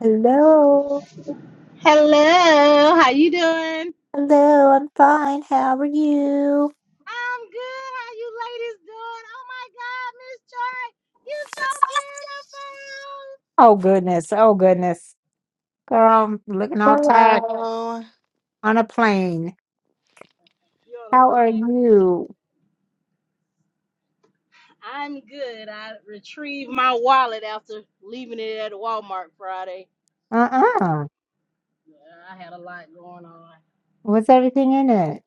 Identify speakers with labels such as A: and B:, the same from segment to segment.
A: Hello.
B: Hello, how you doing? I'm good.
A: Hello, I'm fine. How are you?
B: How you ladies doing? Oh my God, Miss Joy, you
A: Oh goodness. Oh goodness. Girl, I'm looking all tired
C: Hello.
A: on a plane.
B: so beautiful. You wanna
A: How are
B: play?
A: you?
B: I'm good. I retrieved my wallet after leaving it at Walmart Friday.
A: Uh-uh.
B: Yeah, I had a lot going on.
A: What's everything in it?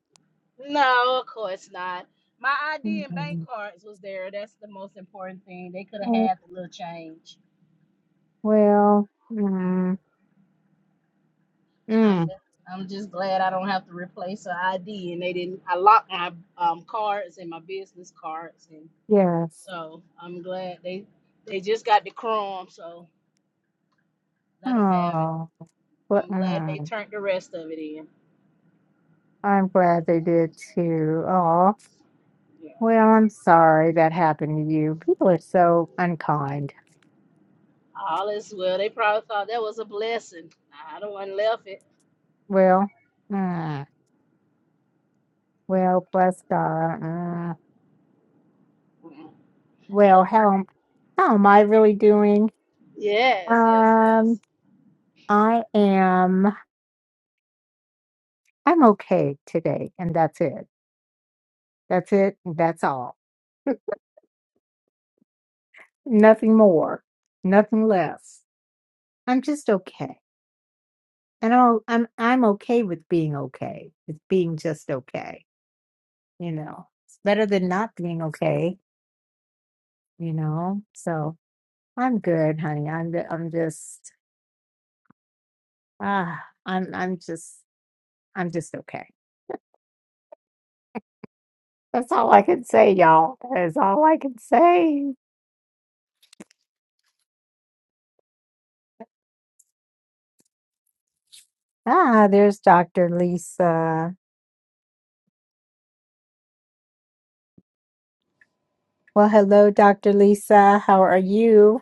B: No, of course not. My ID and bank
A: Mm,
B: cards was there. That's the most important thing. They could have
A: Oh,
B: had the little change.
A: well, mm,
B: I'm
A: mm,
B: just, I'm just glad I don't have to replace an ID, and they didn't. I locked my um, cards and my business cards, and
A: yes.
B: so I'm glad they they just got the crumb, so let them have it.
A: Oh, well,
B: I'm glad they
A: mm,
B: turned the rest of it in.
A: I'm glad they did too. Oh,
B: Yeah,
A: well, I'm sorry that happened to you. People are so unkind.
B: all is well. They probably thought that was a blessing. I don't want left it,
A: Well, mm. Well, bless God. Uh,
B: but
A: well, how am- how am I really doing?
B: yes, yes, yes.
A: Um, I am. I'm okay today, and that's it. That's it. That's all. Nothing more. Nothing less. I'm just okay, and I'm I'm I'm okay with being okay. With being just okay. You know, it's better than not being okay. You know, so I'm good, honey. I'm I'm just ah, I'm I'm just I'm just okay. That's all I can say, y'all. That is all I can say. Ah, there's Dr. Lisa. Well, hello, Dr. Lisa. How are you?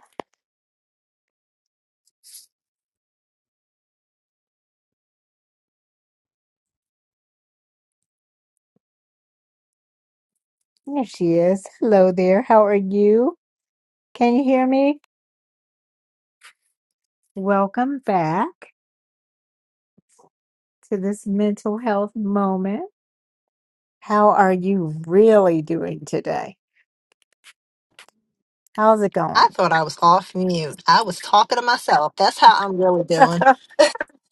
A: There she is. Hello there. How are you? Can you hear me? Welcome back to this mental health moment. How are you really doing today? How's it
D: I
A: going?
D: thought I was off mute. I was talking to myself. That's how I'm really doing.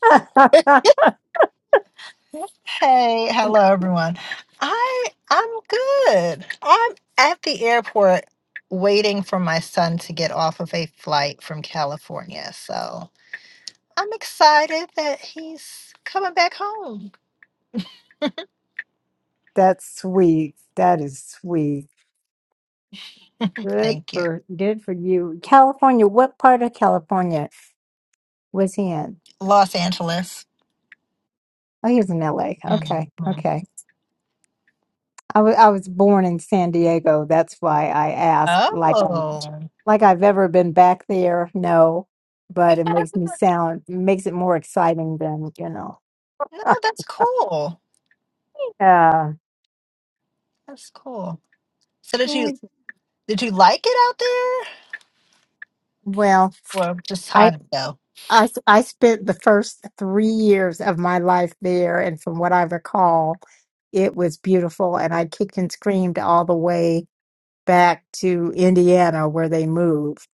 D: Hey,
A: Mm.
D: hello everyone. I I'm good. I'm at the airport waiting for my son to get off of a flight from California. So, I'm excited that he's coming back home.
A: That's sweet. That is sweet. Good
D: Thank you.
A: for good for you. California, what part of California was he in?
D: Los Angeles.
A: Oh, he was in LA. Okay.
D: hmm
A: Okay. I wa- I was born in San Diego. That's why I ask. Like I'm,
D: Oh.
A: like I've ever been back there. No,
D: You
A: but it
D: have
A: makes me sound makes it more exciting than you know.
D: No, that's cool.
A: Uh,
D: That's cool. So did you did you like it out there?
A: well,
D: Well, just
A: I,
D: hot though.
A: I s- I spent the first three years of my life there, and from what I recall, it was beautiful. And I kicked and screamed all the way back to Indiana, where they moved.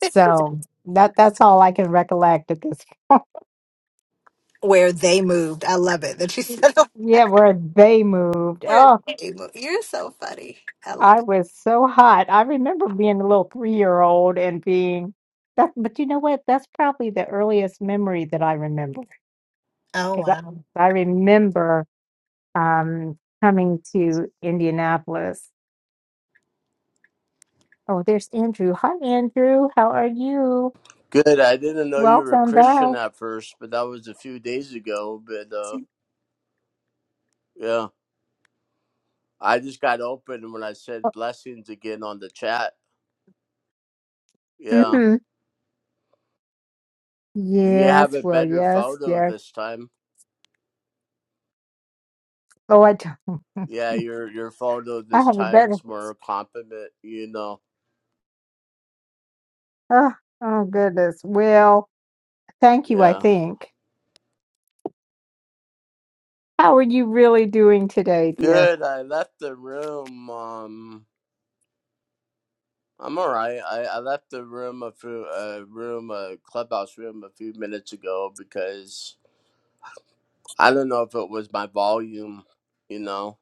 A: So that that's all I can recollect at this
D: where they moved. I love it that you said
A: Yeah, where they moved.
D: where
A: Oh,
D: they moved. You're so funny. I love
A: I
D: it.
A: was so hot. I remember being a little three-year-old and being that, but you know what? That's probably the earliest memory that I remember.
D: Oh
A: 'Cause I
D: wow.
A: I remember um coming to Indianapolis. Oh, there's Andrew. Hi, Andrew. How are you?
E: Good. I didn't know you were a
A: Welcome
E: Christian
A: back.
E: at first, but that was a few days ago. But uh, yeah, I just got open when I said blessings again on the chat. Yeah,
A: hmm
E: you have
A: Yes,
E: a
A: well,
E: better
A: yes,
E: photo
A: yes.
E: this time.
A: Oh, I don't.
E: Yeah, your your photo
A: I
E: this
A: have a better.
E: time's more a compliment. You know.
A: Oh, oh goodness. Well, thank you, I
E: Yeah.
A: think. How are you really doing today, dear?
E: Good. I left the room. Um, I'm all right. I, I left the room a few a room a clubhouse room a few minutes ago because I don't know if it was my volume. You know.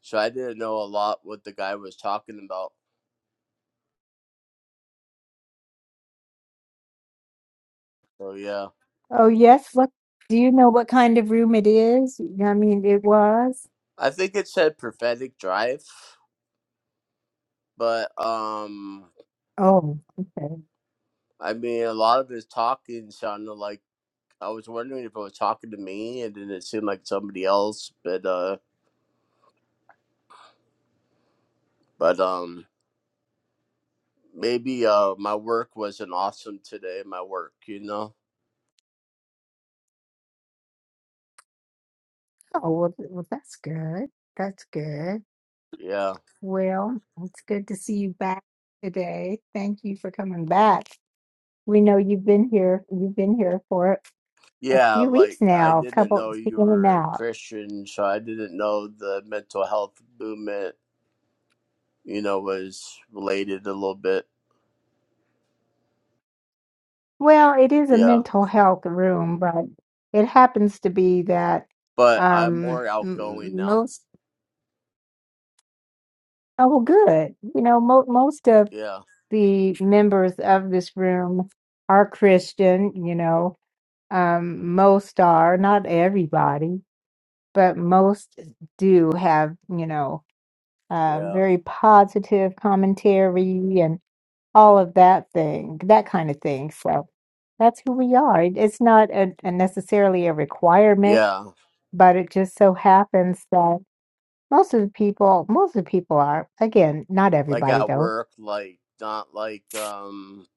E: so I didn't know a lot what the guy was talking about. So yeah,
A: Oh, yes. What do you know what kind of room it is? Yeah, I mean, it was.
E: I think it said prophetic drive, but um,
A: Oh, okay.
E: I mean a lot of his talking sounded like I was wondering if it was talking to me, and then it seemed like somebody else. But uh, but um, maybe uh, my work wasn't awesome today. My work, you know.
A: Oh, well, th- well that's good. That's good.
E: Yeah,
A: Well, it's good to see you back today. Thank you for coming back. We know you've been here. You've been here for a
E: yeah.
A: few weeks
E: Like I
A: now, a
E: didn't
A: couple
E: know you
A: in and
E: were a
A: out.
E: Christian, so I didn't know the mental health movement. You know, was related a little bit
A: Well, it is a
E: Yeah,
A: mental health room, but it happens to be that
E: but I'm
A: um,
E: more outgoing
A: m-
E: now.
A: most Oh, well, good. You know, mo- most of
E: Yeah,
A: the members of this room are Christian, you know, um, most are, not everybody, but most do have, you know, uh,
E: yeah,
A: very positive commentary and all of that thing, that kind of thing. So that's who we are. It- It's not a, a necessarily a requirement,
E: yeah.
A: but it just so happens that most of the people, most of the people are, again, not
E: Like
A: everybody
E: at
A: though
E: work, like not like um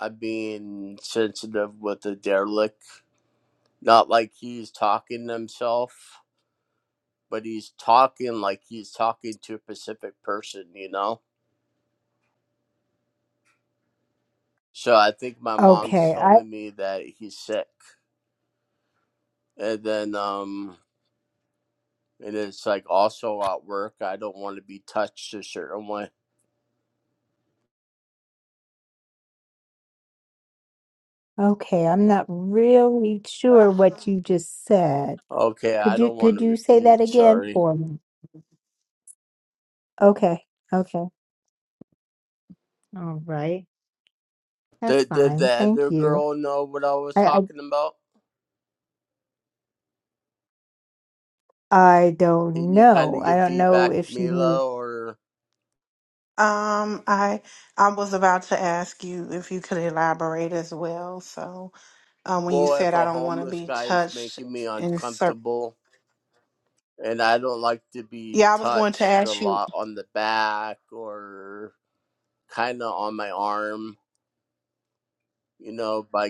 E: I'm being sensitive with the derelict. Not like he's talking to himself, but he's talking like he's talking to a specific person, you know? So I think my mom's
A: Okay, I
E: telling me that he's sick. And then um and it's like also at work I don't want to be touched a certain way.
A: okay, I'm not really
C: Uh,
A: sure what you just said.
E: Okay,
A: Could
E: I
A: you
E: don't want
A: could
E: to
A: you say that
E: repeat,
A: again
E: sorry.
A: for me? Okay, okay. All right. That's
E: Did, did the
A: fine. Thank
E: other
A: you.
E: girl know what I was
A: I
E: talking about?
A: I, I don't
E: Can you kind
A: know.
E: of
A: I
E: give
A: don't know
E: feedback,
A: if she knew.
E: Mila, or
C: Um, I I was about to ask you if you could elaborate as well. So, um, when you
E: well,
C: said
E: if
C: I
E: a
C: don't want to
E: homeless
C: be
E: guy is
C: touched
E: making me
C: in certain,
E: uncomfortable and I don't like to be
C: yeah, I was going to
E: touched a
C: ask you.
E: lot on the back or kind of on my arm, you know, by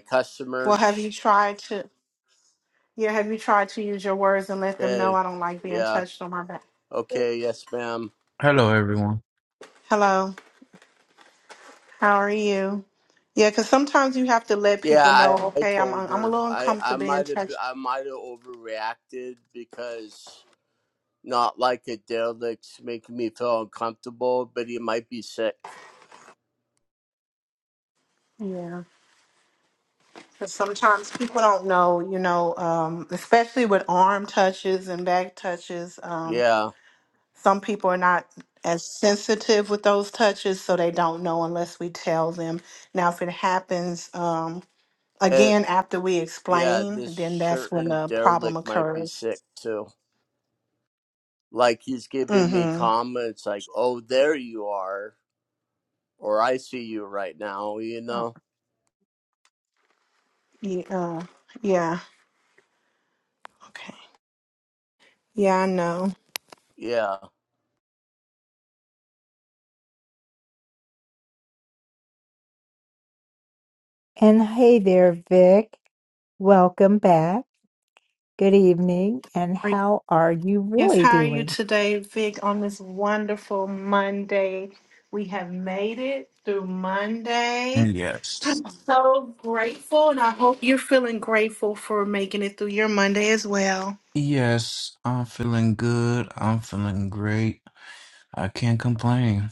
C: Well,
E: customers?
C: have you tried to? Yeah, have you tried to use your words and let them know
E: Okay,
C: I don't like being
E: yeah,
C: touched on my back?
E: okay, yes, ma'am.
F: Hello, everyone.
C: Hello. How are you? Yeah, because sometimes you have to let
E: Yeah,
C: people know.
E: I, I
C: Okay, I'm
E: told
C: I'm a
E: her
C: little
E: I I
C: uncomfortable being
E: might have
C: touched.
E: I might have overreacted because Not like a derelict's making me feel uncomfortable, but he might be sick.
C: Yeah. Because sometimes people don't know, you know, um, especially with arm touches and back touches. Um,
E: Yeah.
C: some people are not as sensitive with those touches, so they don't know unless we tell them. Now, if it happens um,
E: It,
C: again after we
E: yeah,
C: explain,
E: this
C: then that's when
E: certain
C: the problem
E: derelict might be
C: occurs.
E: sick too. Like he's giving me
C: Mm-hmm.
E: comments like, oh, there you are, or I see you right now, you
C: Oh.
E: know?
C: Yeah. Yeah. Okay. Yeah, I know.
E: Yeah.
A: And hey there, Vic. Welcome back. Good evening. And how are you
C: Yes,
A: really
C: how are you
A: doing?
C: today, Vic, on this wonderful Monday? We have made it through Monday.
F: Yes.
C: So grateful, and I hope you're feeling grateful for making it through your Monday as well.
F: Yes, I'm feeling good. I'm feeling great. I can't complain.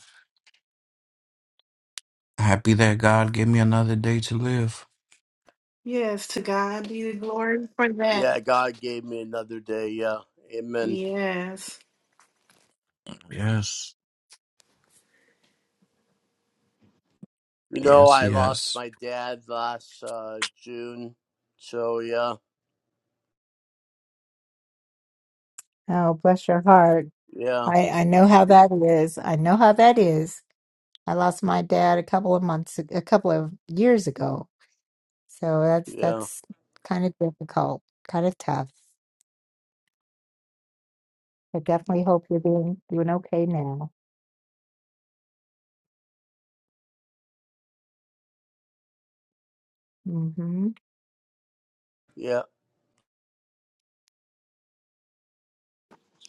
F: Happy that God gave me another day to live.
C: Yes, to God be the glory for that.
E: Yeah, God gave me another day. Yeah. Amen.
C: Yes.
F: Yes.
E: You know,
F: Yes,
E: I lost
F: yes.
E: my dad last uh, June. So, yeah.
A: Oh, bless your heart.
E: Yeah.
A: I I know how that is. I know how that is. I lost my dad a couple of months, a couple of years ago. So that's
E: Yeah.
A: that's kind of difficult, kind of tough. I definitely hope you're doing doing okay now. hmm
E: Yeah.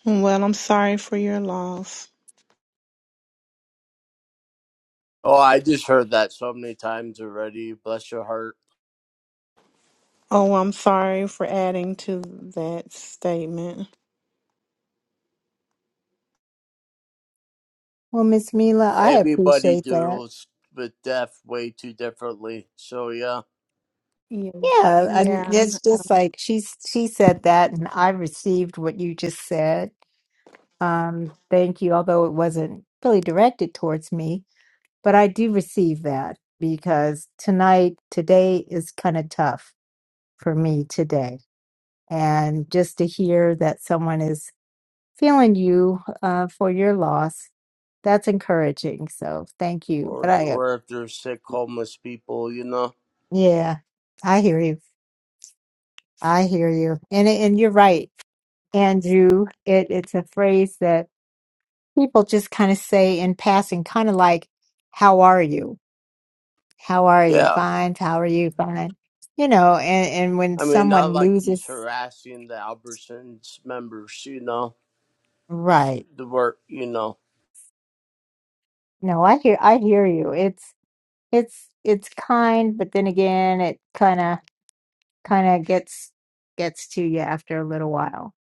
C: Well, I'm sorry for your loss.
E: Oh, I just heard that so many times already. Bless your heart.
C: Oh, I'm sorry for adding to that statement.
A: Well, Miss Mila, I
E: Everybody
A: appreciate that.
E: deals with death way too differently. So yeah,
C: Yeah.
A: Yeah, and
C: Yeah.
A: it's just like she's she said that, and I received what you just said. Um, thank you, although it wasn't really directed towards me, but I do receive that because tonight, today is kind of tough for me today And just to hear that someone is feeling you uh, for your loss, that's encouraging. So thank you. But
E: or
A: I, uh,
E: or if they're sick, homeless people, you know.
A: yeah, I hear you. I hear you. And it- and you're right, Andrew. It it's a phrase that people just kind of say in passing, kind of like, "How are you? How are you?
E: Yeah,
A: Fine. How are you? Fine." You know, and and when
E: I mean, not
A: someone
E: like he's
A: loses,
E: harassing the Albertsons members, you know.
A: right?
E: The work, you know.
A: No, I hear I hear you. It's It's it's kind, but then again, it kind of kind of gets gets to you after a little while.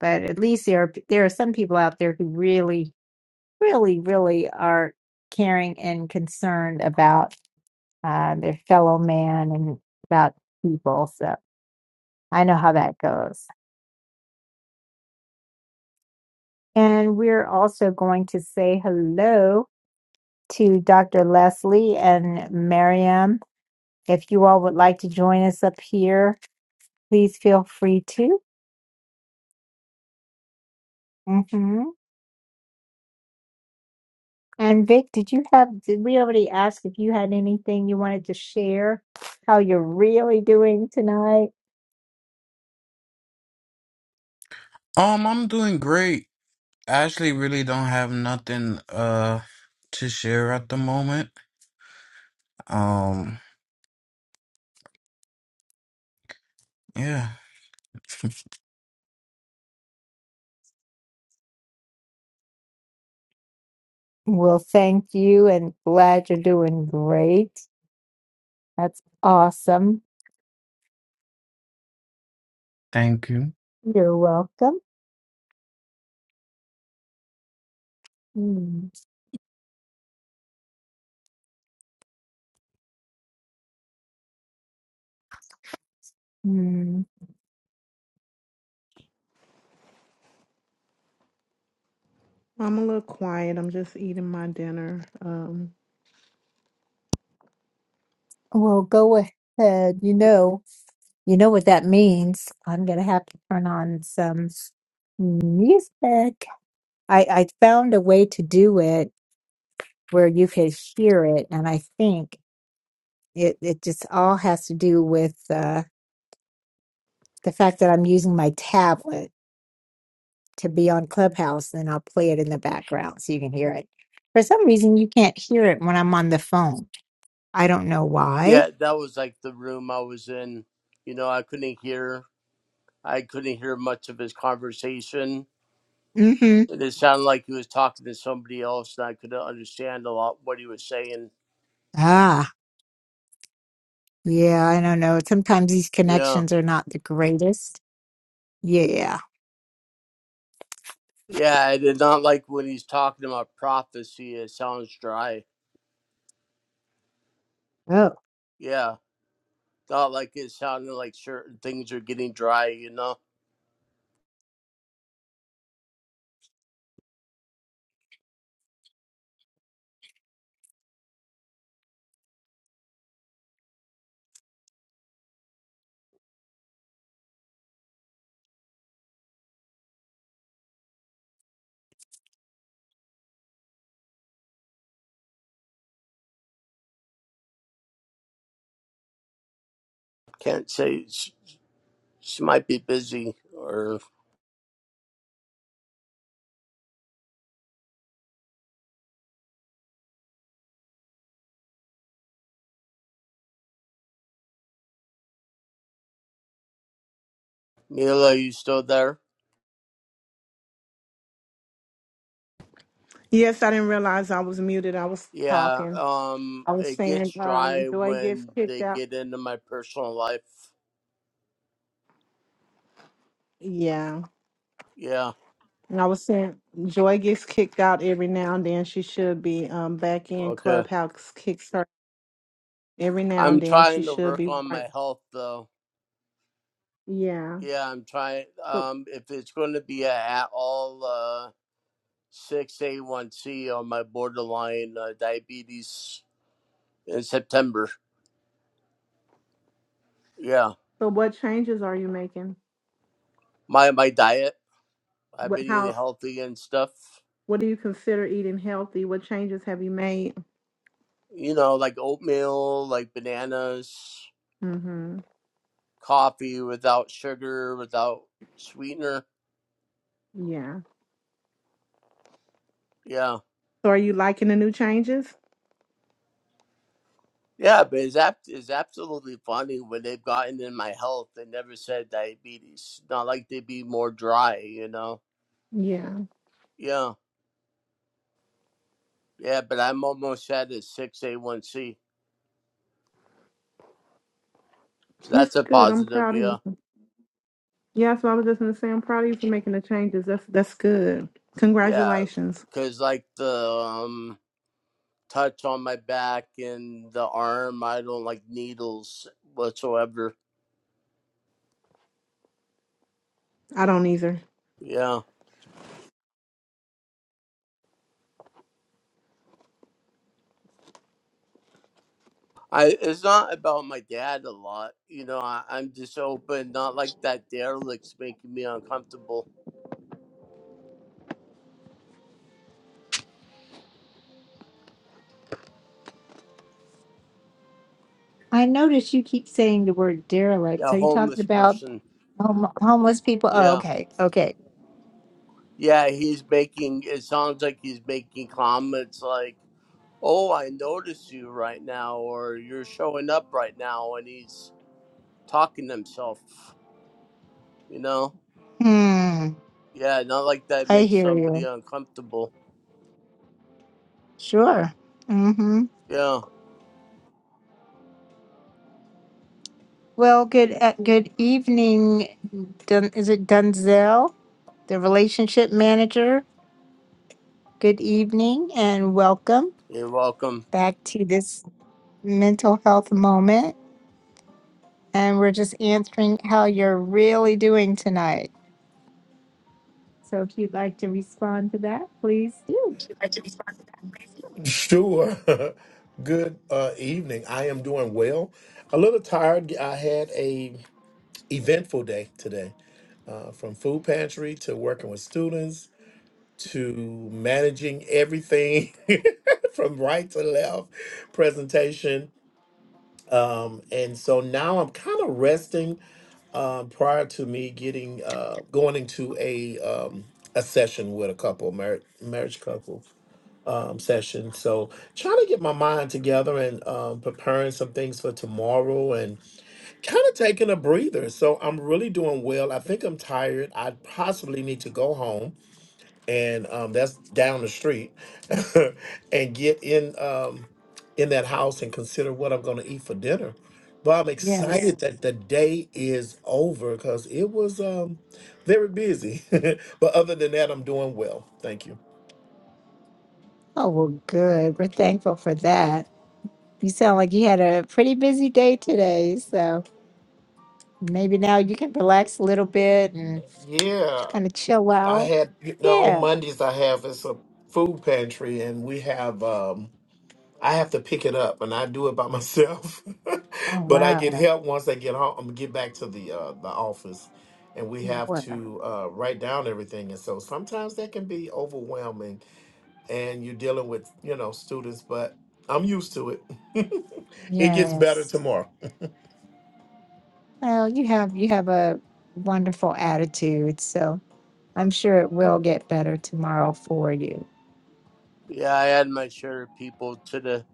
A: But at least there are p- there are some people out there who really, really, really are caring and concerned about uh, their fellow man and about people. So I know how that goes. And we're also going to say hello to Dr. Leslie and Miriam. If you all would like to join us up here, please feel free to. Mm-hmm. And Vic, did you have, did we already ask if you had anything you wanted to share? How you're really doing tonight?
F: Um, I'm doing great. I actually really don't have nothing uh to share at the moment. Um, yeah.
A: Well, thank you and glad you're doing great. That's awesome.
F: Thank you.
A: You're welcome. Mm-hmm.
C: I'm a little quiet. I'm just eating my dinner.
A: Well, go ahead. You know, you know what that means. I'm gonna have to turn on some music. I, I found a way to do it where you could hear it, and I think. It it just all has to do with uh, the fact that I'm using my tablet to be on Clubhouse, and I'll play it in the background so you can hear it. For some reason, you can't hear it when I'm on the phone. I don't know why.
E: Yeah, that was like the room I was in. You know, I couldn't hear. I couldn't hear much of his conversation.
A: Mm-hmm.
E: It sounded like he was talking to somebody else, and I couldn't understand a lot what he was saying
A: Ah, yeah, I don't know. Sometimes these
E: Yeah.
A: connections are not the greatest. Yeah.
E: Yeah, I did not like when he's talking about prophecy. It sounds dry.
A: Oh,
E: Yeah. Not like it sounded like certain things are getting dry, you know? Can't say she, she might be busy or Mila, you still there?
C: Yes, I didn't realize I was muted. I was
E: Yeah.
C: talking.
E: Um,
C: I was
E: it gets
C: saying,
E: dry
C: um, Joy gets
E: when
C: kicked
E: they
C: out.
E: get into my personal life.
C: Yeah.
E: Yeah.
C: And I was saying Joy gets kicked out every now and then. She should be um back in
E: Okay.
C: Clubhouse kicks her every now and
E: I'm
C: then. She
E: trying to
C: should
E: work
C: be
E: on
C: right.
E: my health though.
C: Yeah.
E: Yeah, I'm trying.
C: So
E: Um, if it's going to be a at all, uh, 6A1C on my borderline uh, diabetes in September. Yeah,
C: so what changes are you making?
E: my my diet. I've
C: What
E: been eating
C: how
E: healthy and stuff.
C: what do you consider eating healthy? What changes have you made?
E: You know, like oatmeal, like bananas,
C: Mm-hmm.
E: coffee without sugar, without sweetener.
C: Yeah.
E: Yeah,
C: So are you liking the new changes?
E: yeah. But it's ab- it's absolutely funny when they've gotten in my health They never said diabetes. Not like they'd be more dry, you know.
C: Yeah.
E: Yeah, yeah. But I'm almost at a six A one C. So
C: That's
E: that's a
C: good. I'm
E: positive.
C: proud of
E: Yeah.
C: you. Yeah, so I was just gonna say I'm proud of you for making the changes. That's that's good.
E: Yeah,
C: Congratulations.
E: because like the um, touch on my back and the arm, I don't like needles whatsoever.
C: I don't either.
E: Yeah, I it's not about my dad a lot. You know, I, I'm just open, not like that derelict's making me uncomfortable.
A: I notice you keep saying the word derelict.
E: Yeah,
A: Are you talking
E: homeless
A: about
E: person.
A: hom- homeless people? Oh,
E: Yeah,
A: okay, okay.
E: yeah, he's making it sounds like he's making comments like, "Oh, I notice you right now," or "You're showing up right now," and he's talking to himself. You know.
A: Hmm.
E: Yeah, not like that
A: I
E: makes
A: hear
E: somebody
A: you.
E: uncomfortable.
A: Sure.
E: Yeah,
A: Well, good uh, good evening. Dun, is it Dunzel, the relationship manager? Good evening and welcome
E: you're welcome.
A: back to this mental health moment. And we're just answering how you're really doing tonight. So if you'd like to respond to that, please do.
G: Sure. Good uh, evening. I am doing well. A little tired. I had a eventful day today, uh, from food pantry to working with students to managing everything from right to left presentation. Um, and so now I'm kind of resting um, prior to me getting uh, going into a um, a session with a couple marriage marriage couple um, session. So trying to get my mind together and um, preparing some things for tomorrow and kind of taking a breather. So I'm really doing well. I think I'm tired. I possibly need to go home and um, that's down the street and get in um, in that house and consider what I'm going to eat for dinner. But I'm
A: Yes.
G: excited that the day is over because it was um, very busy. but other than that, I'm doing well. Thank you.
A: Oh, well, good. We're thankful for that. You sound like you had a pretty busy day today. So maybe now you can relax a little bit and
G: Yeah.
A: kind of chill
G: I
A: out.
G: had you know,
A: Yeah.
G: on Mondays I have it's a food pantry and we have um I have to pick it up and I do it by myself.
A: Oh
G: but I get
A: wow.
G: help once I get home get back to the uh the office and we have
A: Wow.
G: to uh write down everything and so sometimes that can be overwhelming and you're dealing with, you know, students, but I'm used to it. it gets better
A: Yes.
G: tomorrow.
A: Well, you have you have a wonderful attitude, so I'm sure it will get better tomorrow for you.
E: Yeah, I had my share of people to the.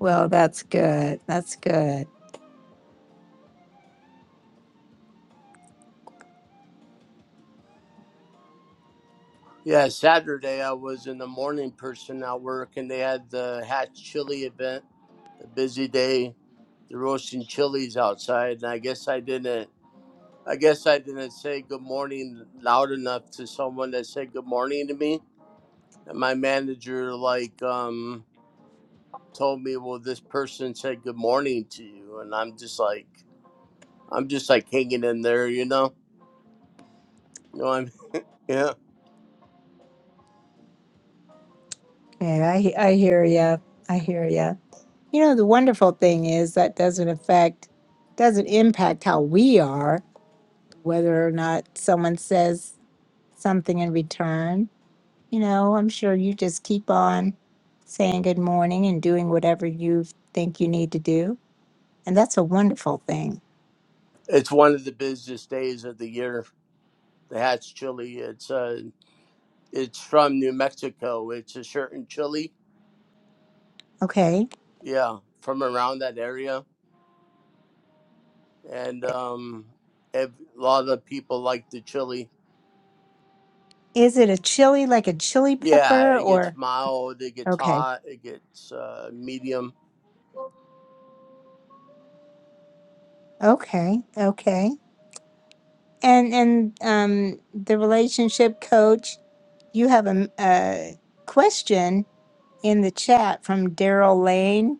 A: Well, that's good. That's good.
E: Yeah, Saturday I was in the morning person at work and they had the Hatch Chili event, a busy day. the roasting chilies outside. And I guess I didn't. I guess I didn't say good morning loud enough to someone that said good morning to me. And my manager, like, um, told me, well, this person said good morning to you. And I'm just like, I'm just like hanging in there, you know. You know, I'm yeah.
A: Yeah, I he- I hear you. I hear you. You know, the wonderful thing is that doesn't affect doesn't impact how we are, whether or not someone says something in return You know, I'm sure you just keep on saying good morning and doing whatever you think you need to do. And that's a wonderful thing.
E: It's one of the busiest days of the year. The hatch chili. It's uh, it's from New Mexico. It's a certain chili.
A: Okay.
E: Yeah, from around that area, and um, ev- a lot of people like the chili.
A: Is it a chili like a chili
E: Yeah,
A: pepper
E: it gets
A: or
E: mild. It gets
A: okay.
E: hot. It gets uh, medium.
A: Okay. Okay. And and um the relationship coach, you have a, m- a question in the chat from Daryl Lane.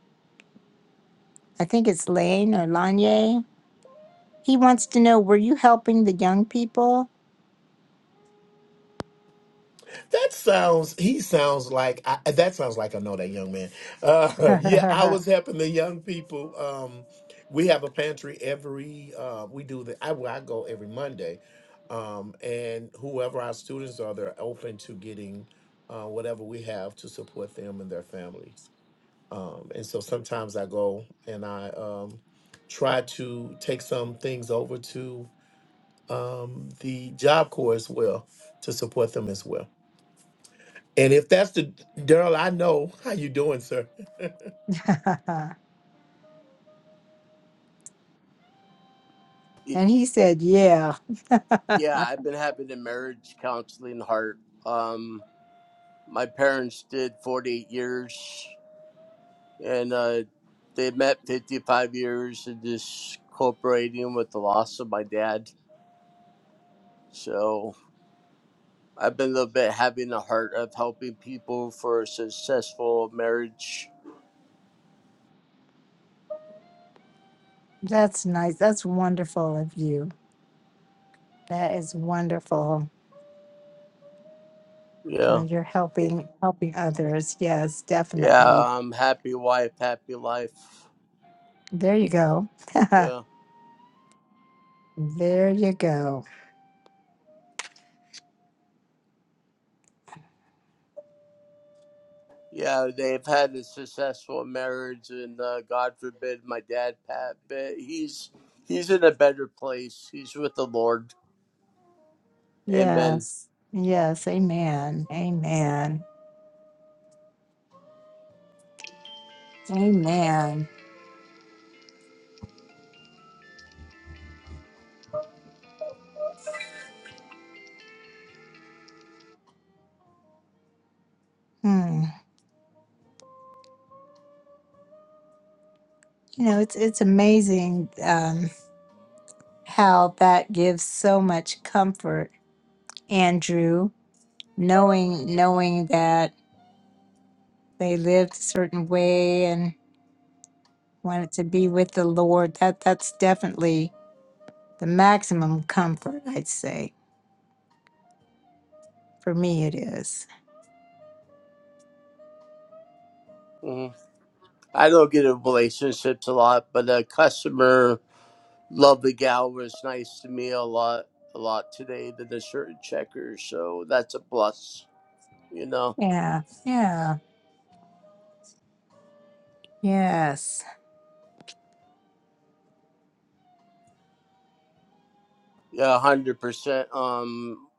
A: I think it's Lane or Lanye. He wants to know, were you helping the young people?
G: That sounds. He sounds like. I, that sounds like I know that young man. Uh, yeah, I was helping the young people. Um, we have a pantry every. Uh, we do the. I well, I go every Monday, um, and whoever our students are, they're open to getting uh, whatever we have to support them and their families. Um, and so sometimes I go and I um, try to take some things over to um, the Job Corps as well to support them as well. And if that's the Daryl, I know how you doing, sir.
A: and
E: Y-
A: he said, yeah.
E: yeah, I've been having a marriage counseling heart. Um, my parents did 48 years and uh, they met 55 years and just cooperating with the loss of my dad. So I've been a little bit having the heart of helping people for a successful marriage.
A: That's nice. That's wonderful of you. That is wonderful. Uh,
E: Yeah.
A: you're helping helping others. Yes,
E: Yeah.
A: definitely.
E: I'm happy wife, happy life.
A: There you go.
E: Yeah.
A: there you go.
E: Yeah. They've had a successful marriage and uh, God forbid my dad, Pat, but he's, he's in a better place. He's with the Lord. Amen.
A: Yes. Yes. Amen. Amen. Amen. Hmm. You know, it's it's amazing um, how that gives so much comfort, Andrew, knowing knowing that they lived a certain way and wanted to be with the Lord. That that's definitely the maximum comfort, I'd say. For me, it is.
E: Mm-hmm. I don't get in relationships a lot, but a customer, lovely gal, was nice to me a lot, a lot today than the shirt and checkers. So that's a plus, you know.
A: Yeah, yeah, yes,
E: Yeah, hundred percent. Um,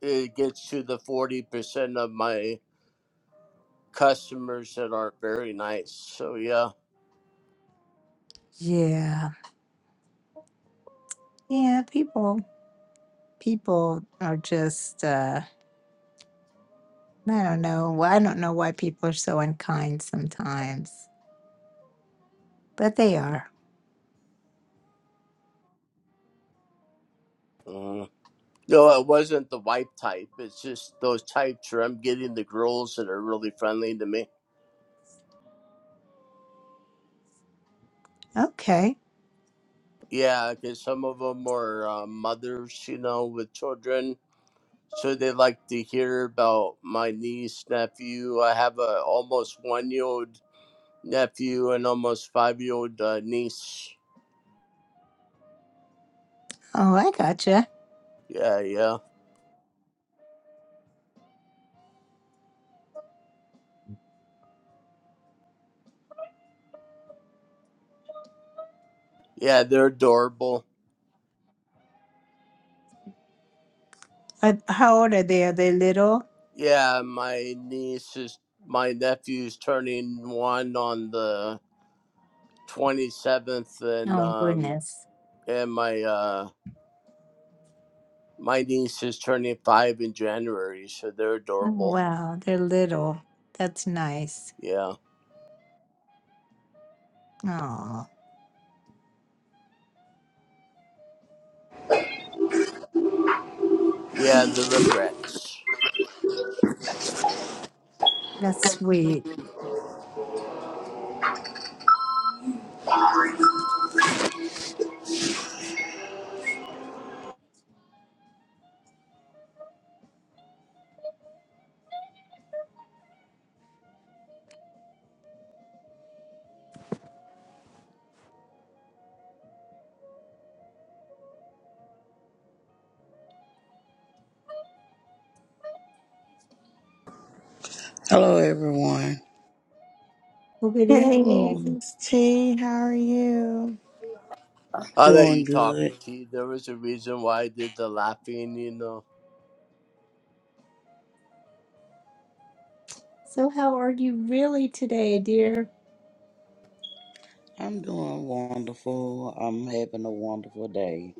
E: it gets to the forty percent of my customers that aren't very nice. So yeah.
A: yeah, yeah. People, people are just. Uh, I don't know. I don't know why people are so unkind sometimes, but they are.
E: Mm. No, it wasn't the wife type. It's just those types where I'm getting the girls that are really friendly to me.
A: Okay.
E: Yeah, because some of them are uh, mothers, you know, with children So they like to hear about my niece, nephew. I have a almost one year old nephew and almost five year old uh, niece.
A: Oh, I gotcha.
E: Yeah, yeah, yeah. They're adorable.
A: Uh, how old are they? Are they little?
E: Yeah, my niece is my nephew's turning one on the twenty seventh, and
A: Oh,
E: um,
A: goodness.
E: and my uh my niece is turning five in January. So they're
A: Oh,
E: adorable.
A: wow. They're little. That's nice.
E: Yeah,
A: Oh,
E: yeah. The regrets.
A: that's sweet.
H: Hello, everyone.
A: Well, good
C: Hey,
E: Hello.
A: evening.
C: Miss T, how are you?
E: I'll let
H: Doing
E: you talk.
H: good.
E: See, there was a reason why I did the laughing, you know.
A: So, how are you really today, dear?
H: I'm doing wonderful. I'm having a wonderful day.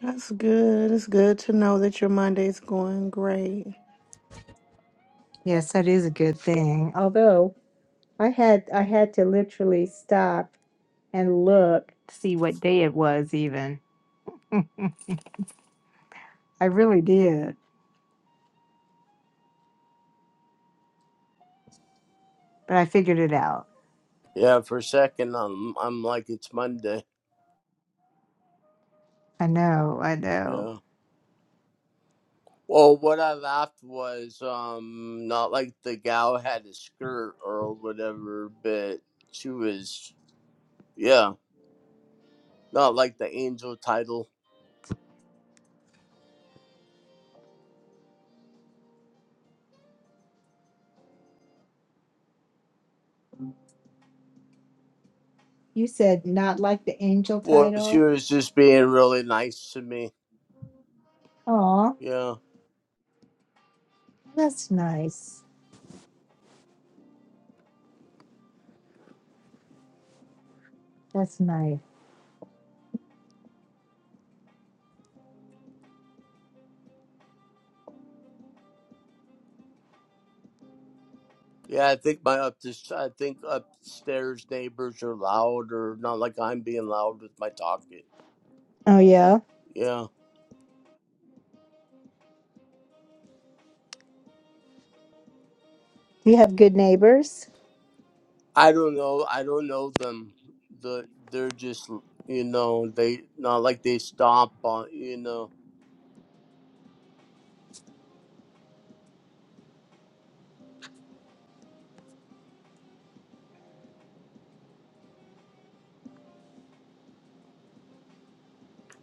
C: That's good. It's good to know that your Monday's going great.
A: Yes, that is a good thing. Although I had I had to literally stop and look to see what day it was even. I really did, but I figured it out.
E: Yeah, for a second, I'm, I'm like, it's Monday.
A: I know, I know.
E: Yeah. Well, what I laughed was um not like the gal had a skirt or whatever, but she was, yeah, not like the angel title.
A: You said not like the angel
E: Well, she
A: title.
E: was just being really nice to me.
A: Oh,
E: Yeah.
A: that's nice. That's nice.
E: Yeah, I think my up this, I think upstairs neighbors are loud or not like I'm being loud with my talking.
A: Oh, yeah.
E: Yeah.
A: You have good neighbors?
E: I don't know. I don't know them. The they're just you know they not like they stomp on you know.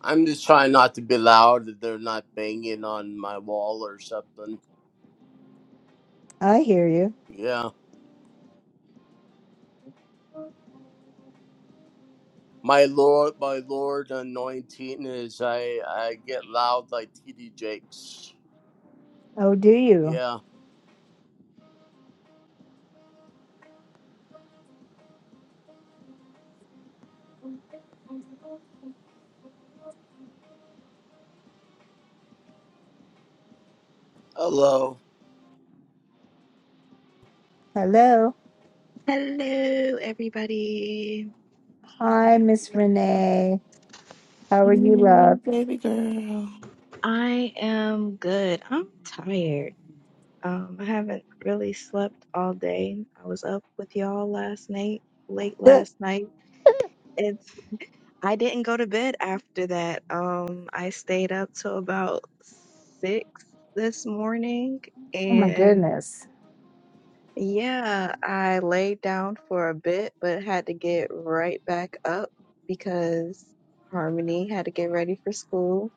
E: I'm just trying not to be loud. That they're not banging on my wall or something.
A: I hear you.
E: Yeah, my lord, my lord, anointing is I I get loud like T.D. Jakes.
A: Oh, do you?
E: Yeah. Hello.
A: Hello.
I: Hello, everybody.
A: Hi, Miss Renee. How are you, love?
C: Mm, baby girl.
I: I am good. I'm tired. Um, I haven't really slept all day. I was up with y'all last night, late
A: oh,
I: last night. It's I didn't go to bed after that. Um, I stayed up till about six this morning,
A: my goodness.
I: Yeah, I laid down for a bit, but had to get right back up because Harmony had to get ready for school.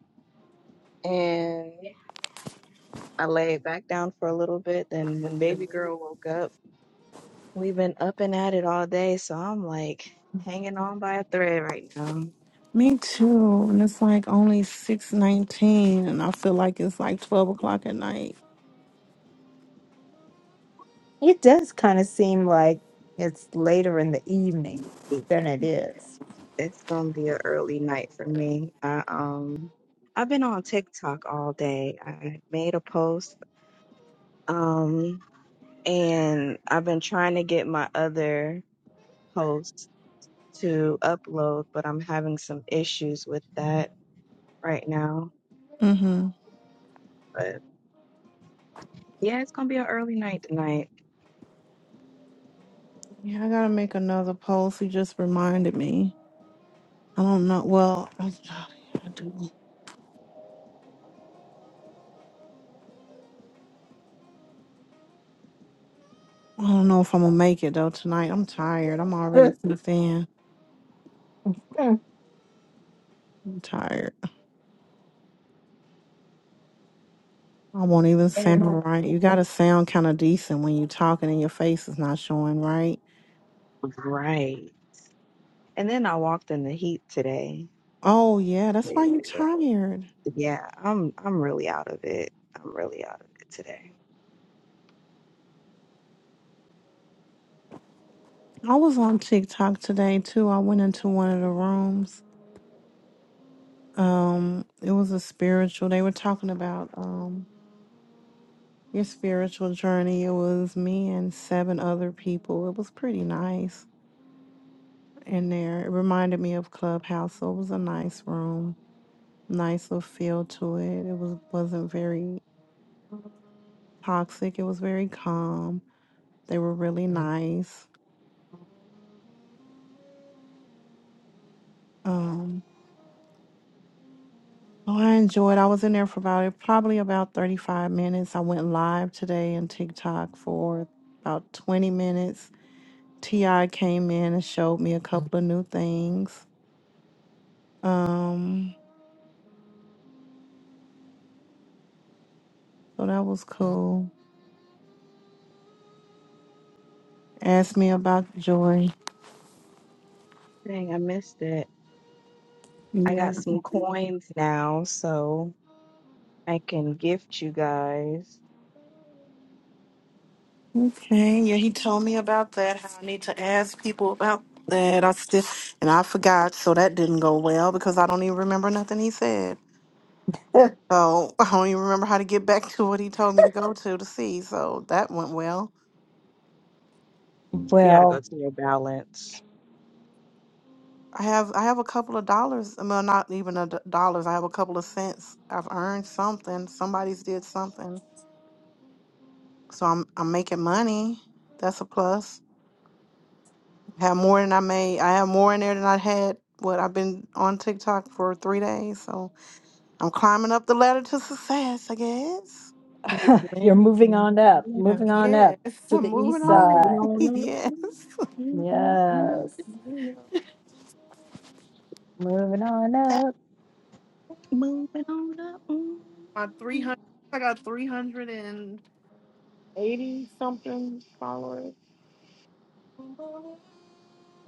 I: And I laid back down for a little bit. Then when baby girl woke up, we've been up and at it all day. So I'm like hanging on by a thread right now.
C: Me too. And it's like only six nineteen, and I feel like it's like twelve o'clock at night.
A: It does kind of seem like it's later in the evening than it is.
I: It's gonna be an early night for me. I, um, I've been on TikTok all day. I made a post. Um, and I've been trying to get my other posts to upload, but I'm having some issues with that right now.
C: Mm-hmm.
I: But yeah, it's gonna be an early night tonight.
C: Yeah, I gotta make another post. He just reminded me. I don't know. Well, I, I do. I don't know if I'm gonna make it though tonight. I'm tired. I'm already too thin. I'm tired. I won't even
I: And
C: sound right. You gotta sound kind of decent when you're talking and your face is not showing, right?
I: right. And then I walked in the heat today.
C: Oh yeah, that's why you're tired.
I: Yeah, I'm I'm really out of it. I'm really out of it today.
C: I was on TikTok today too. I went into one of the rooms. Um, it was a spiritual. They were talking about um your spiritual journey. It was me and seven other people. It was pretty nice in there. It reminded me of Clubhouse, so it was a nice room nice of feel to it. It was wasn't very toxic. It was very calm. They were really nice. Um, oh, I enjoyed. I was in there for about probably about thirty five minutes. I went live today in TikTok for about twenty minutes. Ti came in and showed me a couple of new things. Um, so that was cool. Asked me about joy.
I: Dang, I missed it. I
C: Yeah.
I: got some coins now, so I can gift you guys.
C: Okay, yeah, he told me about that. How I need to ask people about that. I still and I forgot, so that didn't go well because I don't even remember nothing he said. So I don't even remember how to get back to what he told me to go to to see. So that went well.
I: You gotta go
A: well,
I: to your balance.
C: I have I have a couple of dollars. Well, not even a d- dollars. I have a couple of cents. I've earned something. Somebody's did something. So I'm I'm making money. That's a plus. have more than I made. I have more in there than I had. What I've been on TikTok for three days. So. I'm climbing up the ladder to success, I guess.
A: you're moving
I: Man,
A: on up,
I: yeah.
A: moving on up
C: Yes,
A: to
C: I'm
A: the
C: moving
A: east
C: on.
I: Moving
A: side.
I: on
C: it.
I: up.
C: yes.
I: Mm, mm, mm, mm,
A: Yes. Moving
C: That's
A: on
I: Moving on up. Mm.
C: My 300, I got 380 something followers.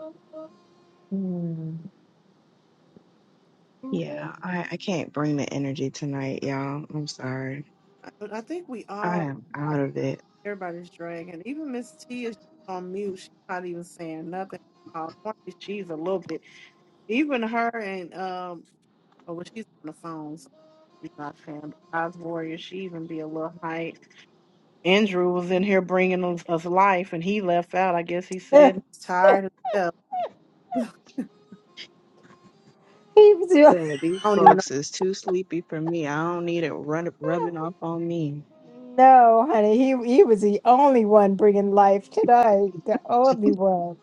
A: up. Mm. he
I: Yeah, I, I can't bring the energy tonight, y'all. I'm sorry.
C: I, I think we
I: I
C: all,
I: am out of it.
C: everybody's dragging. Even Miss T is just on mute. She's not even saying nothing. Uh, She's a little bit, even her and, um, oh, well, she's on the phone, so she's not saying, but God's Warrior, she even be a little hype. Andrew was in here bringing us, us life, and he left out. I guess he said he's tired as hell."
A: was the,
I: Said these
C: I don't even know.
I: folks is too sleepy for me. I don't need it run, rubbing off on me.
A: no, honey. He he was the only one bringing life tonight. The only one.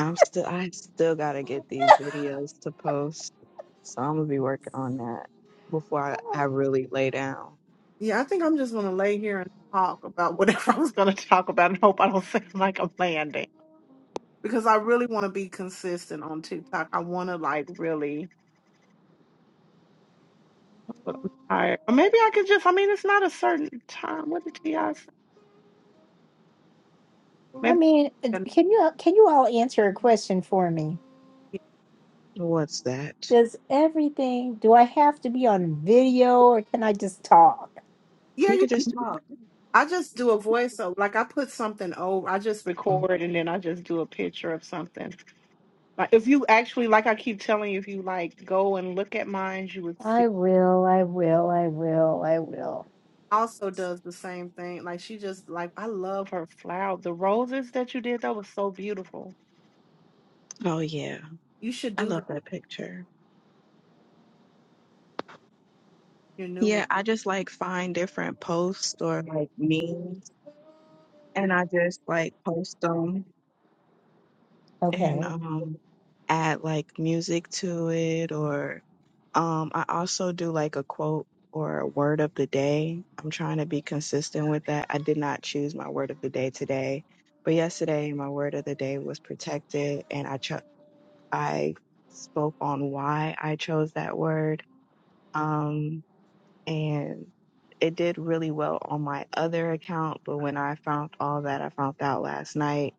I: I'm still I still gotta get these videos to post. So I'm gonna be working on that before I, I really lay down.
C: Yeah, I think I'm just gonna lay here and talk about whatever I was gonna talk about, and hope I don't seem like I'm laying down because I really want to be consistent on TikTok. I want to like really. But I'm tired. Or maybe I could just, I mean, it's not a certain time. What did T.I. say?
A: I
C: Maybe.
A: mean,
C: I
A: d-
C: can-
A: can you can you all answer a question for me?
I: What's that?
A: Does everything? Do I have to be on video, or can I just talk?
C: Yeah,
I: You
C: you,
I: could just talk.
C: I just do a voice. So, like, I put something over, I just record and then I just do a picture of something. Like, if you actually, like I keep telling you, if you like go and look at mine, you would see.
A: I will. I will. I will. I will.
C: Also does the same thing. Like, she just, like, I love her flower. The roses that you did, that was so beautiful.
I: Oh yeah.
C: You should
I: I
C: do that,
I: love that picture.
C: your new one.
I: Yeah, I just like find different posts or like memes and I just like post them and
A: Okay.
I: um add like music to it or um I also do like a quote or a word of the day. I'm trying to be consistent with that. I did not choose my word of the day today, but yesterday my word of the day was protected and I cho- I spoke on why I chose that word. Um and it did really well on my other account, but when I found all that I found out last night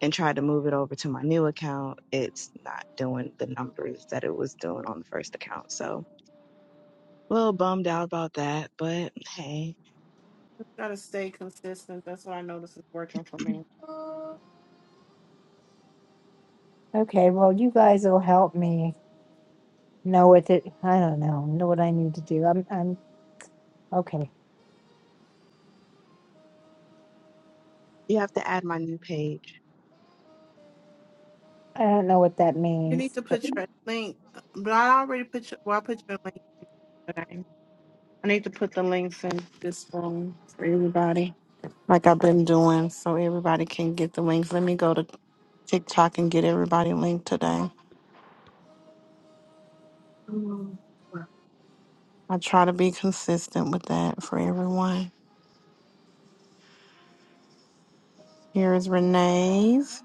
I: and tried to move it over to my new account, it's not doing the numbers that it was doing on the first account. So a little bummed out about that, but hey.
C: Just gotta stay consistent. That's what I notice is working for me.
A: Okay. Well, you guys will help me know what to. I don't know. Know what I need to do. I'm. I'm. Okay.
I: You have to add my new page.
A: I don't know what that
C: You need
A: means,
C: to
A: but
C: put your link, uh, but I already put your, well, I put your link today. I need to put the links in this room for everybody, like I've been doing, so everybody can get the links. Let me go to TikTok and get everybody linked today.
I: Mm.
C: I try to be consistent with that for everyone. Here is Renee's.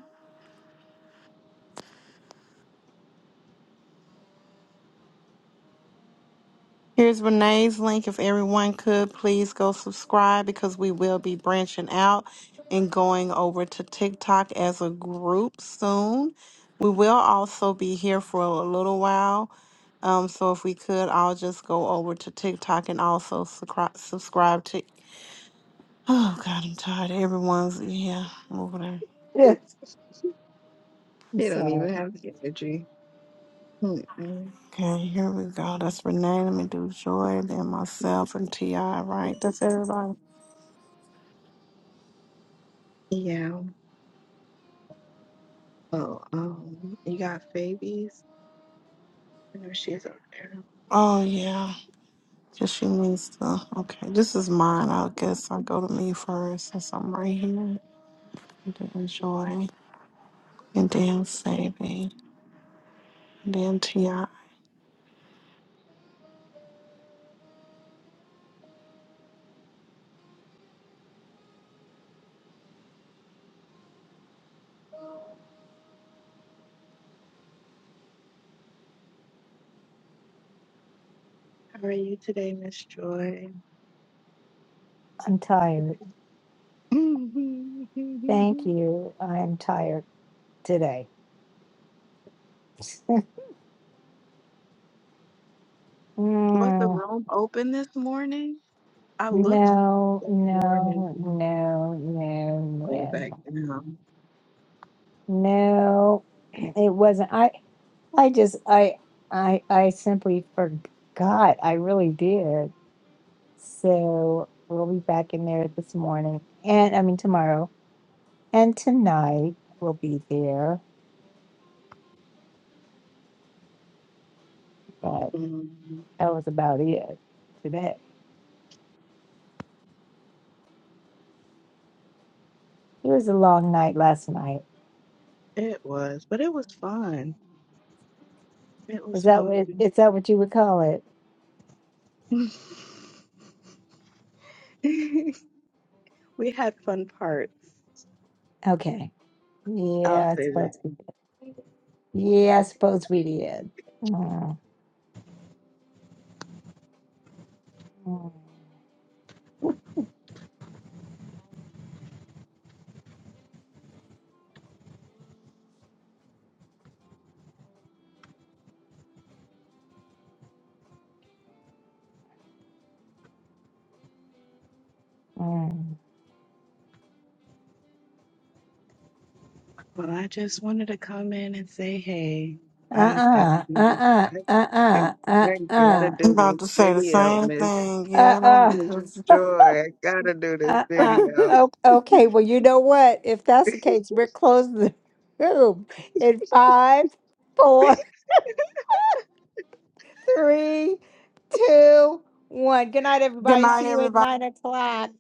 C: Here's Renee's link. If everyone could please go subscribe because we will be branching out and going over to TikTok as a group soon. We will also be here for a little while. Um, so if we could, I'll just go over to TikTok and also subscri- subscribe to. Oh God, I'm tired. Everyone's yeah over there.
A: yeah, I'm
I: You don't
A: sorry.
I: even have the energy. Mm-mm.
C: Okay, here we go. That's Renee. Let me do Joy, then myself and Ti. Right, that's everybody.
I: Yeah. Oh, um, you got babies? I know she's up there.
C: Oh yeah. Just she needs to. Okay, this is mine. I guess I go to me first since I'm right here. And then Joy, and then Saving, and then Ti. I'm
I: How are you today, Miss Joy?
A: I'm tired. Thank you. I am tired today.
I: Was the
A: Mm,
I: room open this morning? I
A: no,
I: looked for it
A: no,
I: this morning
A: no, no,
I: way back down.
A: no, no. It wasn't. I, I just, I, I, I simply forgot. I really did. So we'll be back in there this morning and I mean tomorrow and tonight we'll be there. But
I: Mhm.
A: that was about it today. It was a long night last night.
I: It was, but it was fun. It
A: Is
I: was
A: that
I: fun.
A: what is that what you would call it?
I: we had fun parts.
A: Okay.
I: I'll
A: Yeah, I
I: say that.
A: suppose we did. Yeah, I suppose we did. Mm, mm. Mm.
I: Well, I just wanted to come in and say, hey, I gotta
A: Uh-uh,
I: do this.
A: uh-uh,
I: I, I,
A: uh-uh, uh-uh,
I: I gotta do
C: about
I: this
C: to say the
I: video,
C: same thing. Yeah,
A: uh-uh,
C: I'm because.
I: Joy, I gotta do this
A: uh-uh.
I: video.
A: O- Okay, well, you know what? If that's the case, we're closing the room in five, four. three, two, one. Good night,
C: Good
A: everybody.
C: night,
A: See you at
C: everybody.
A: nine o'clock.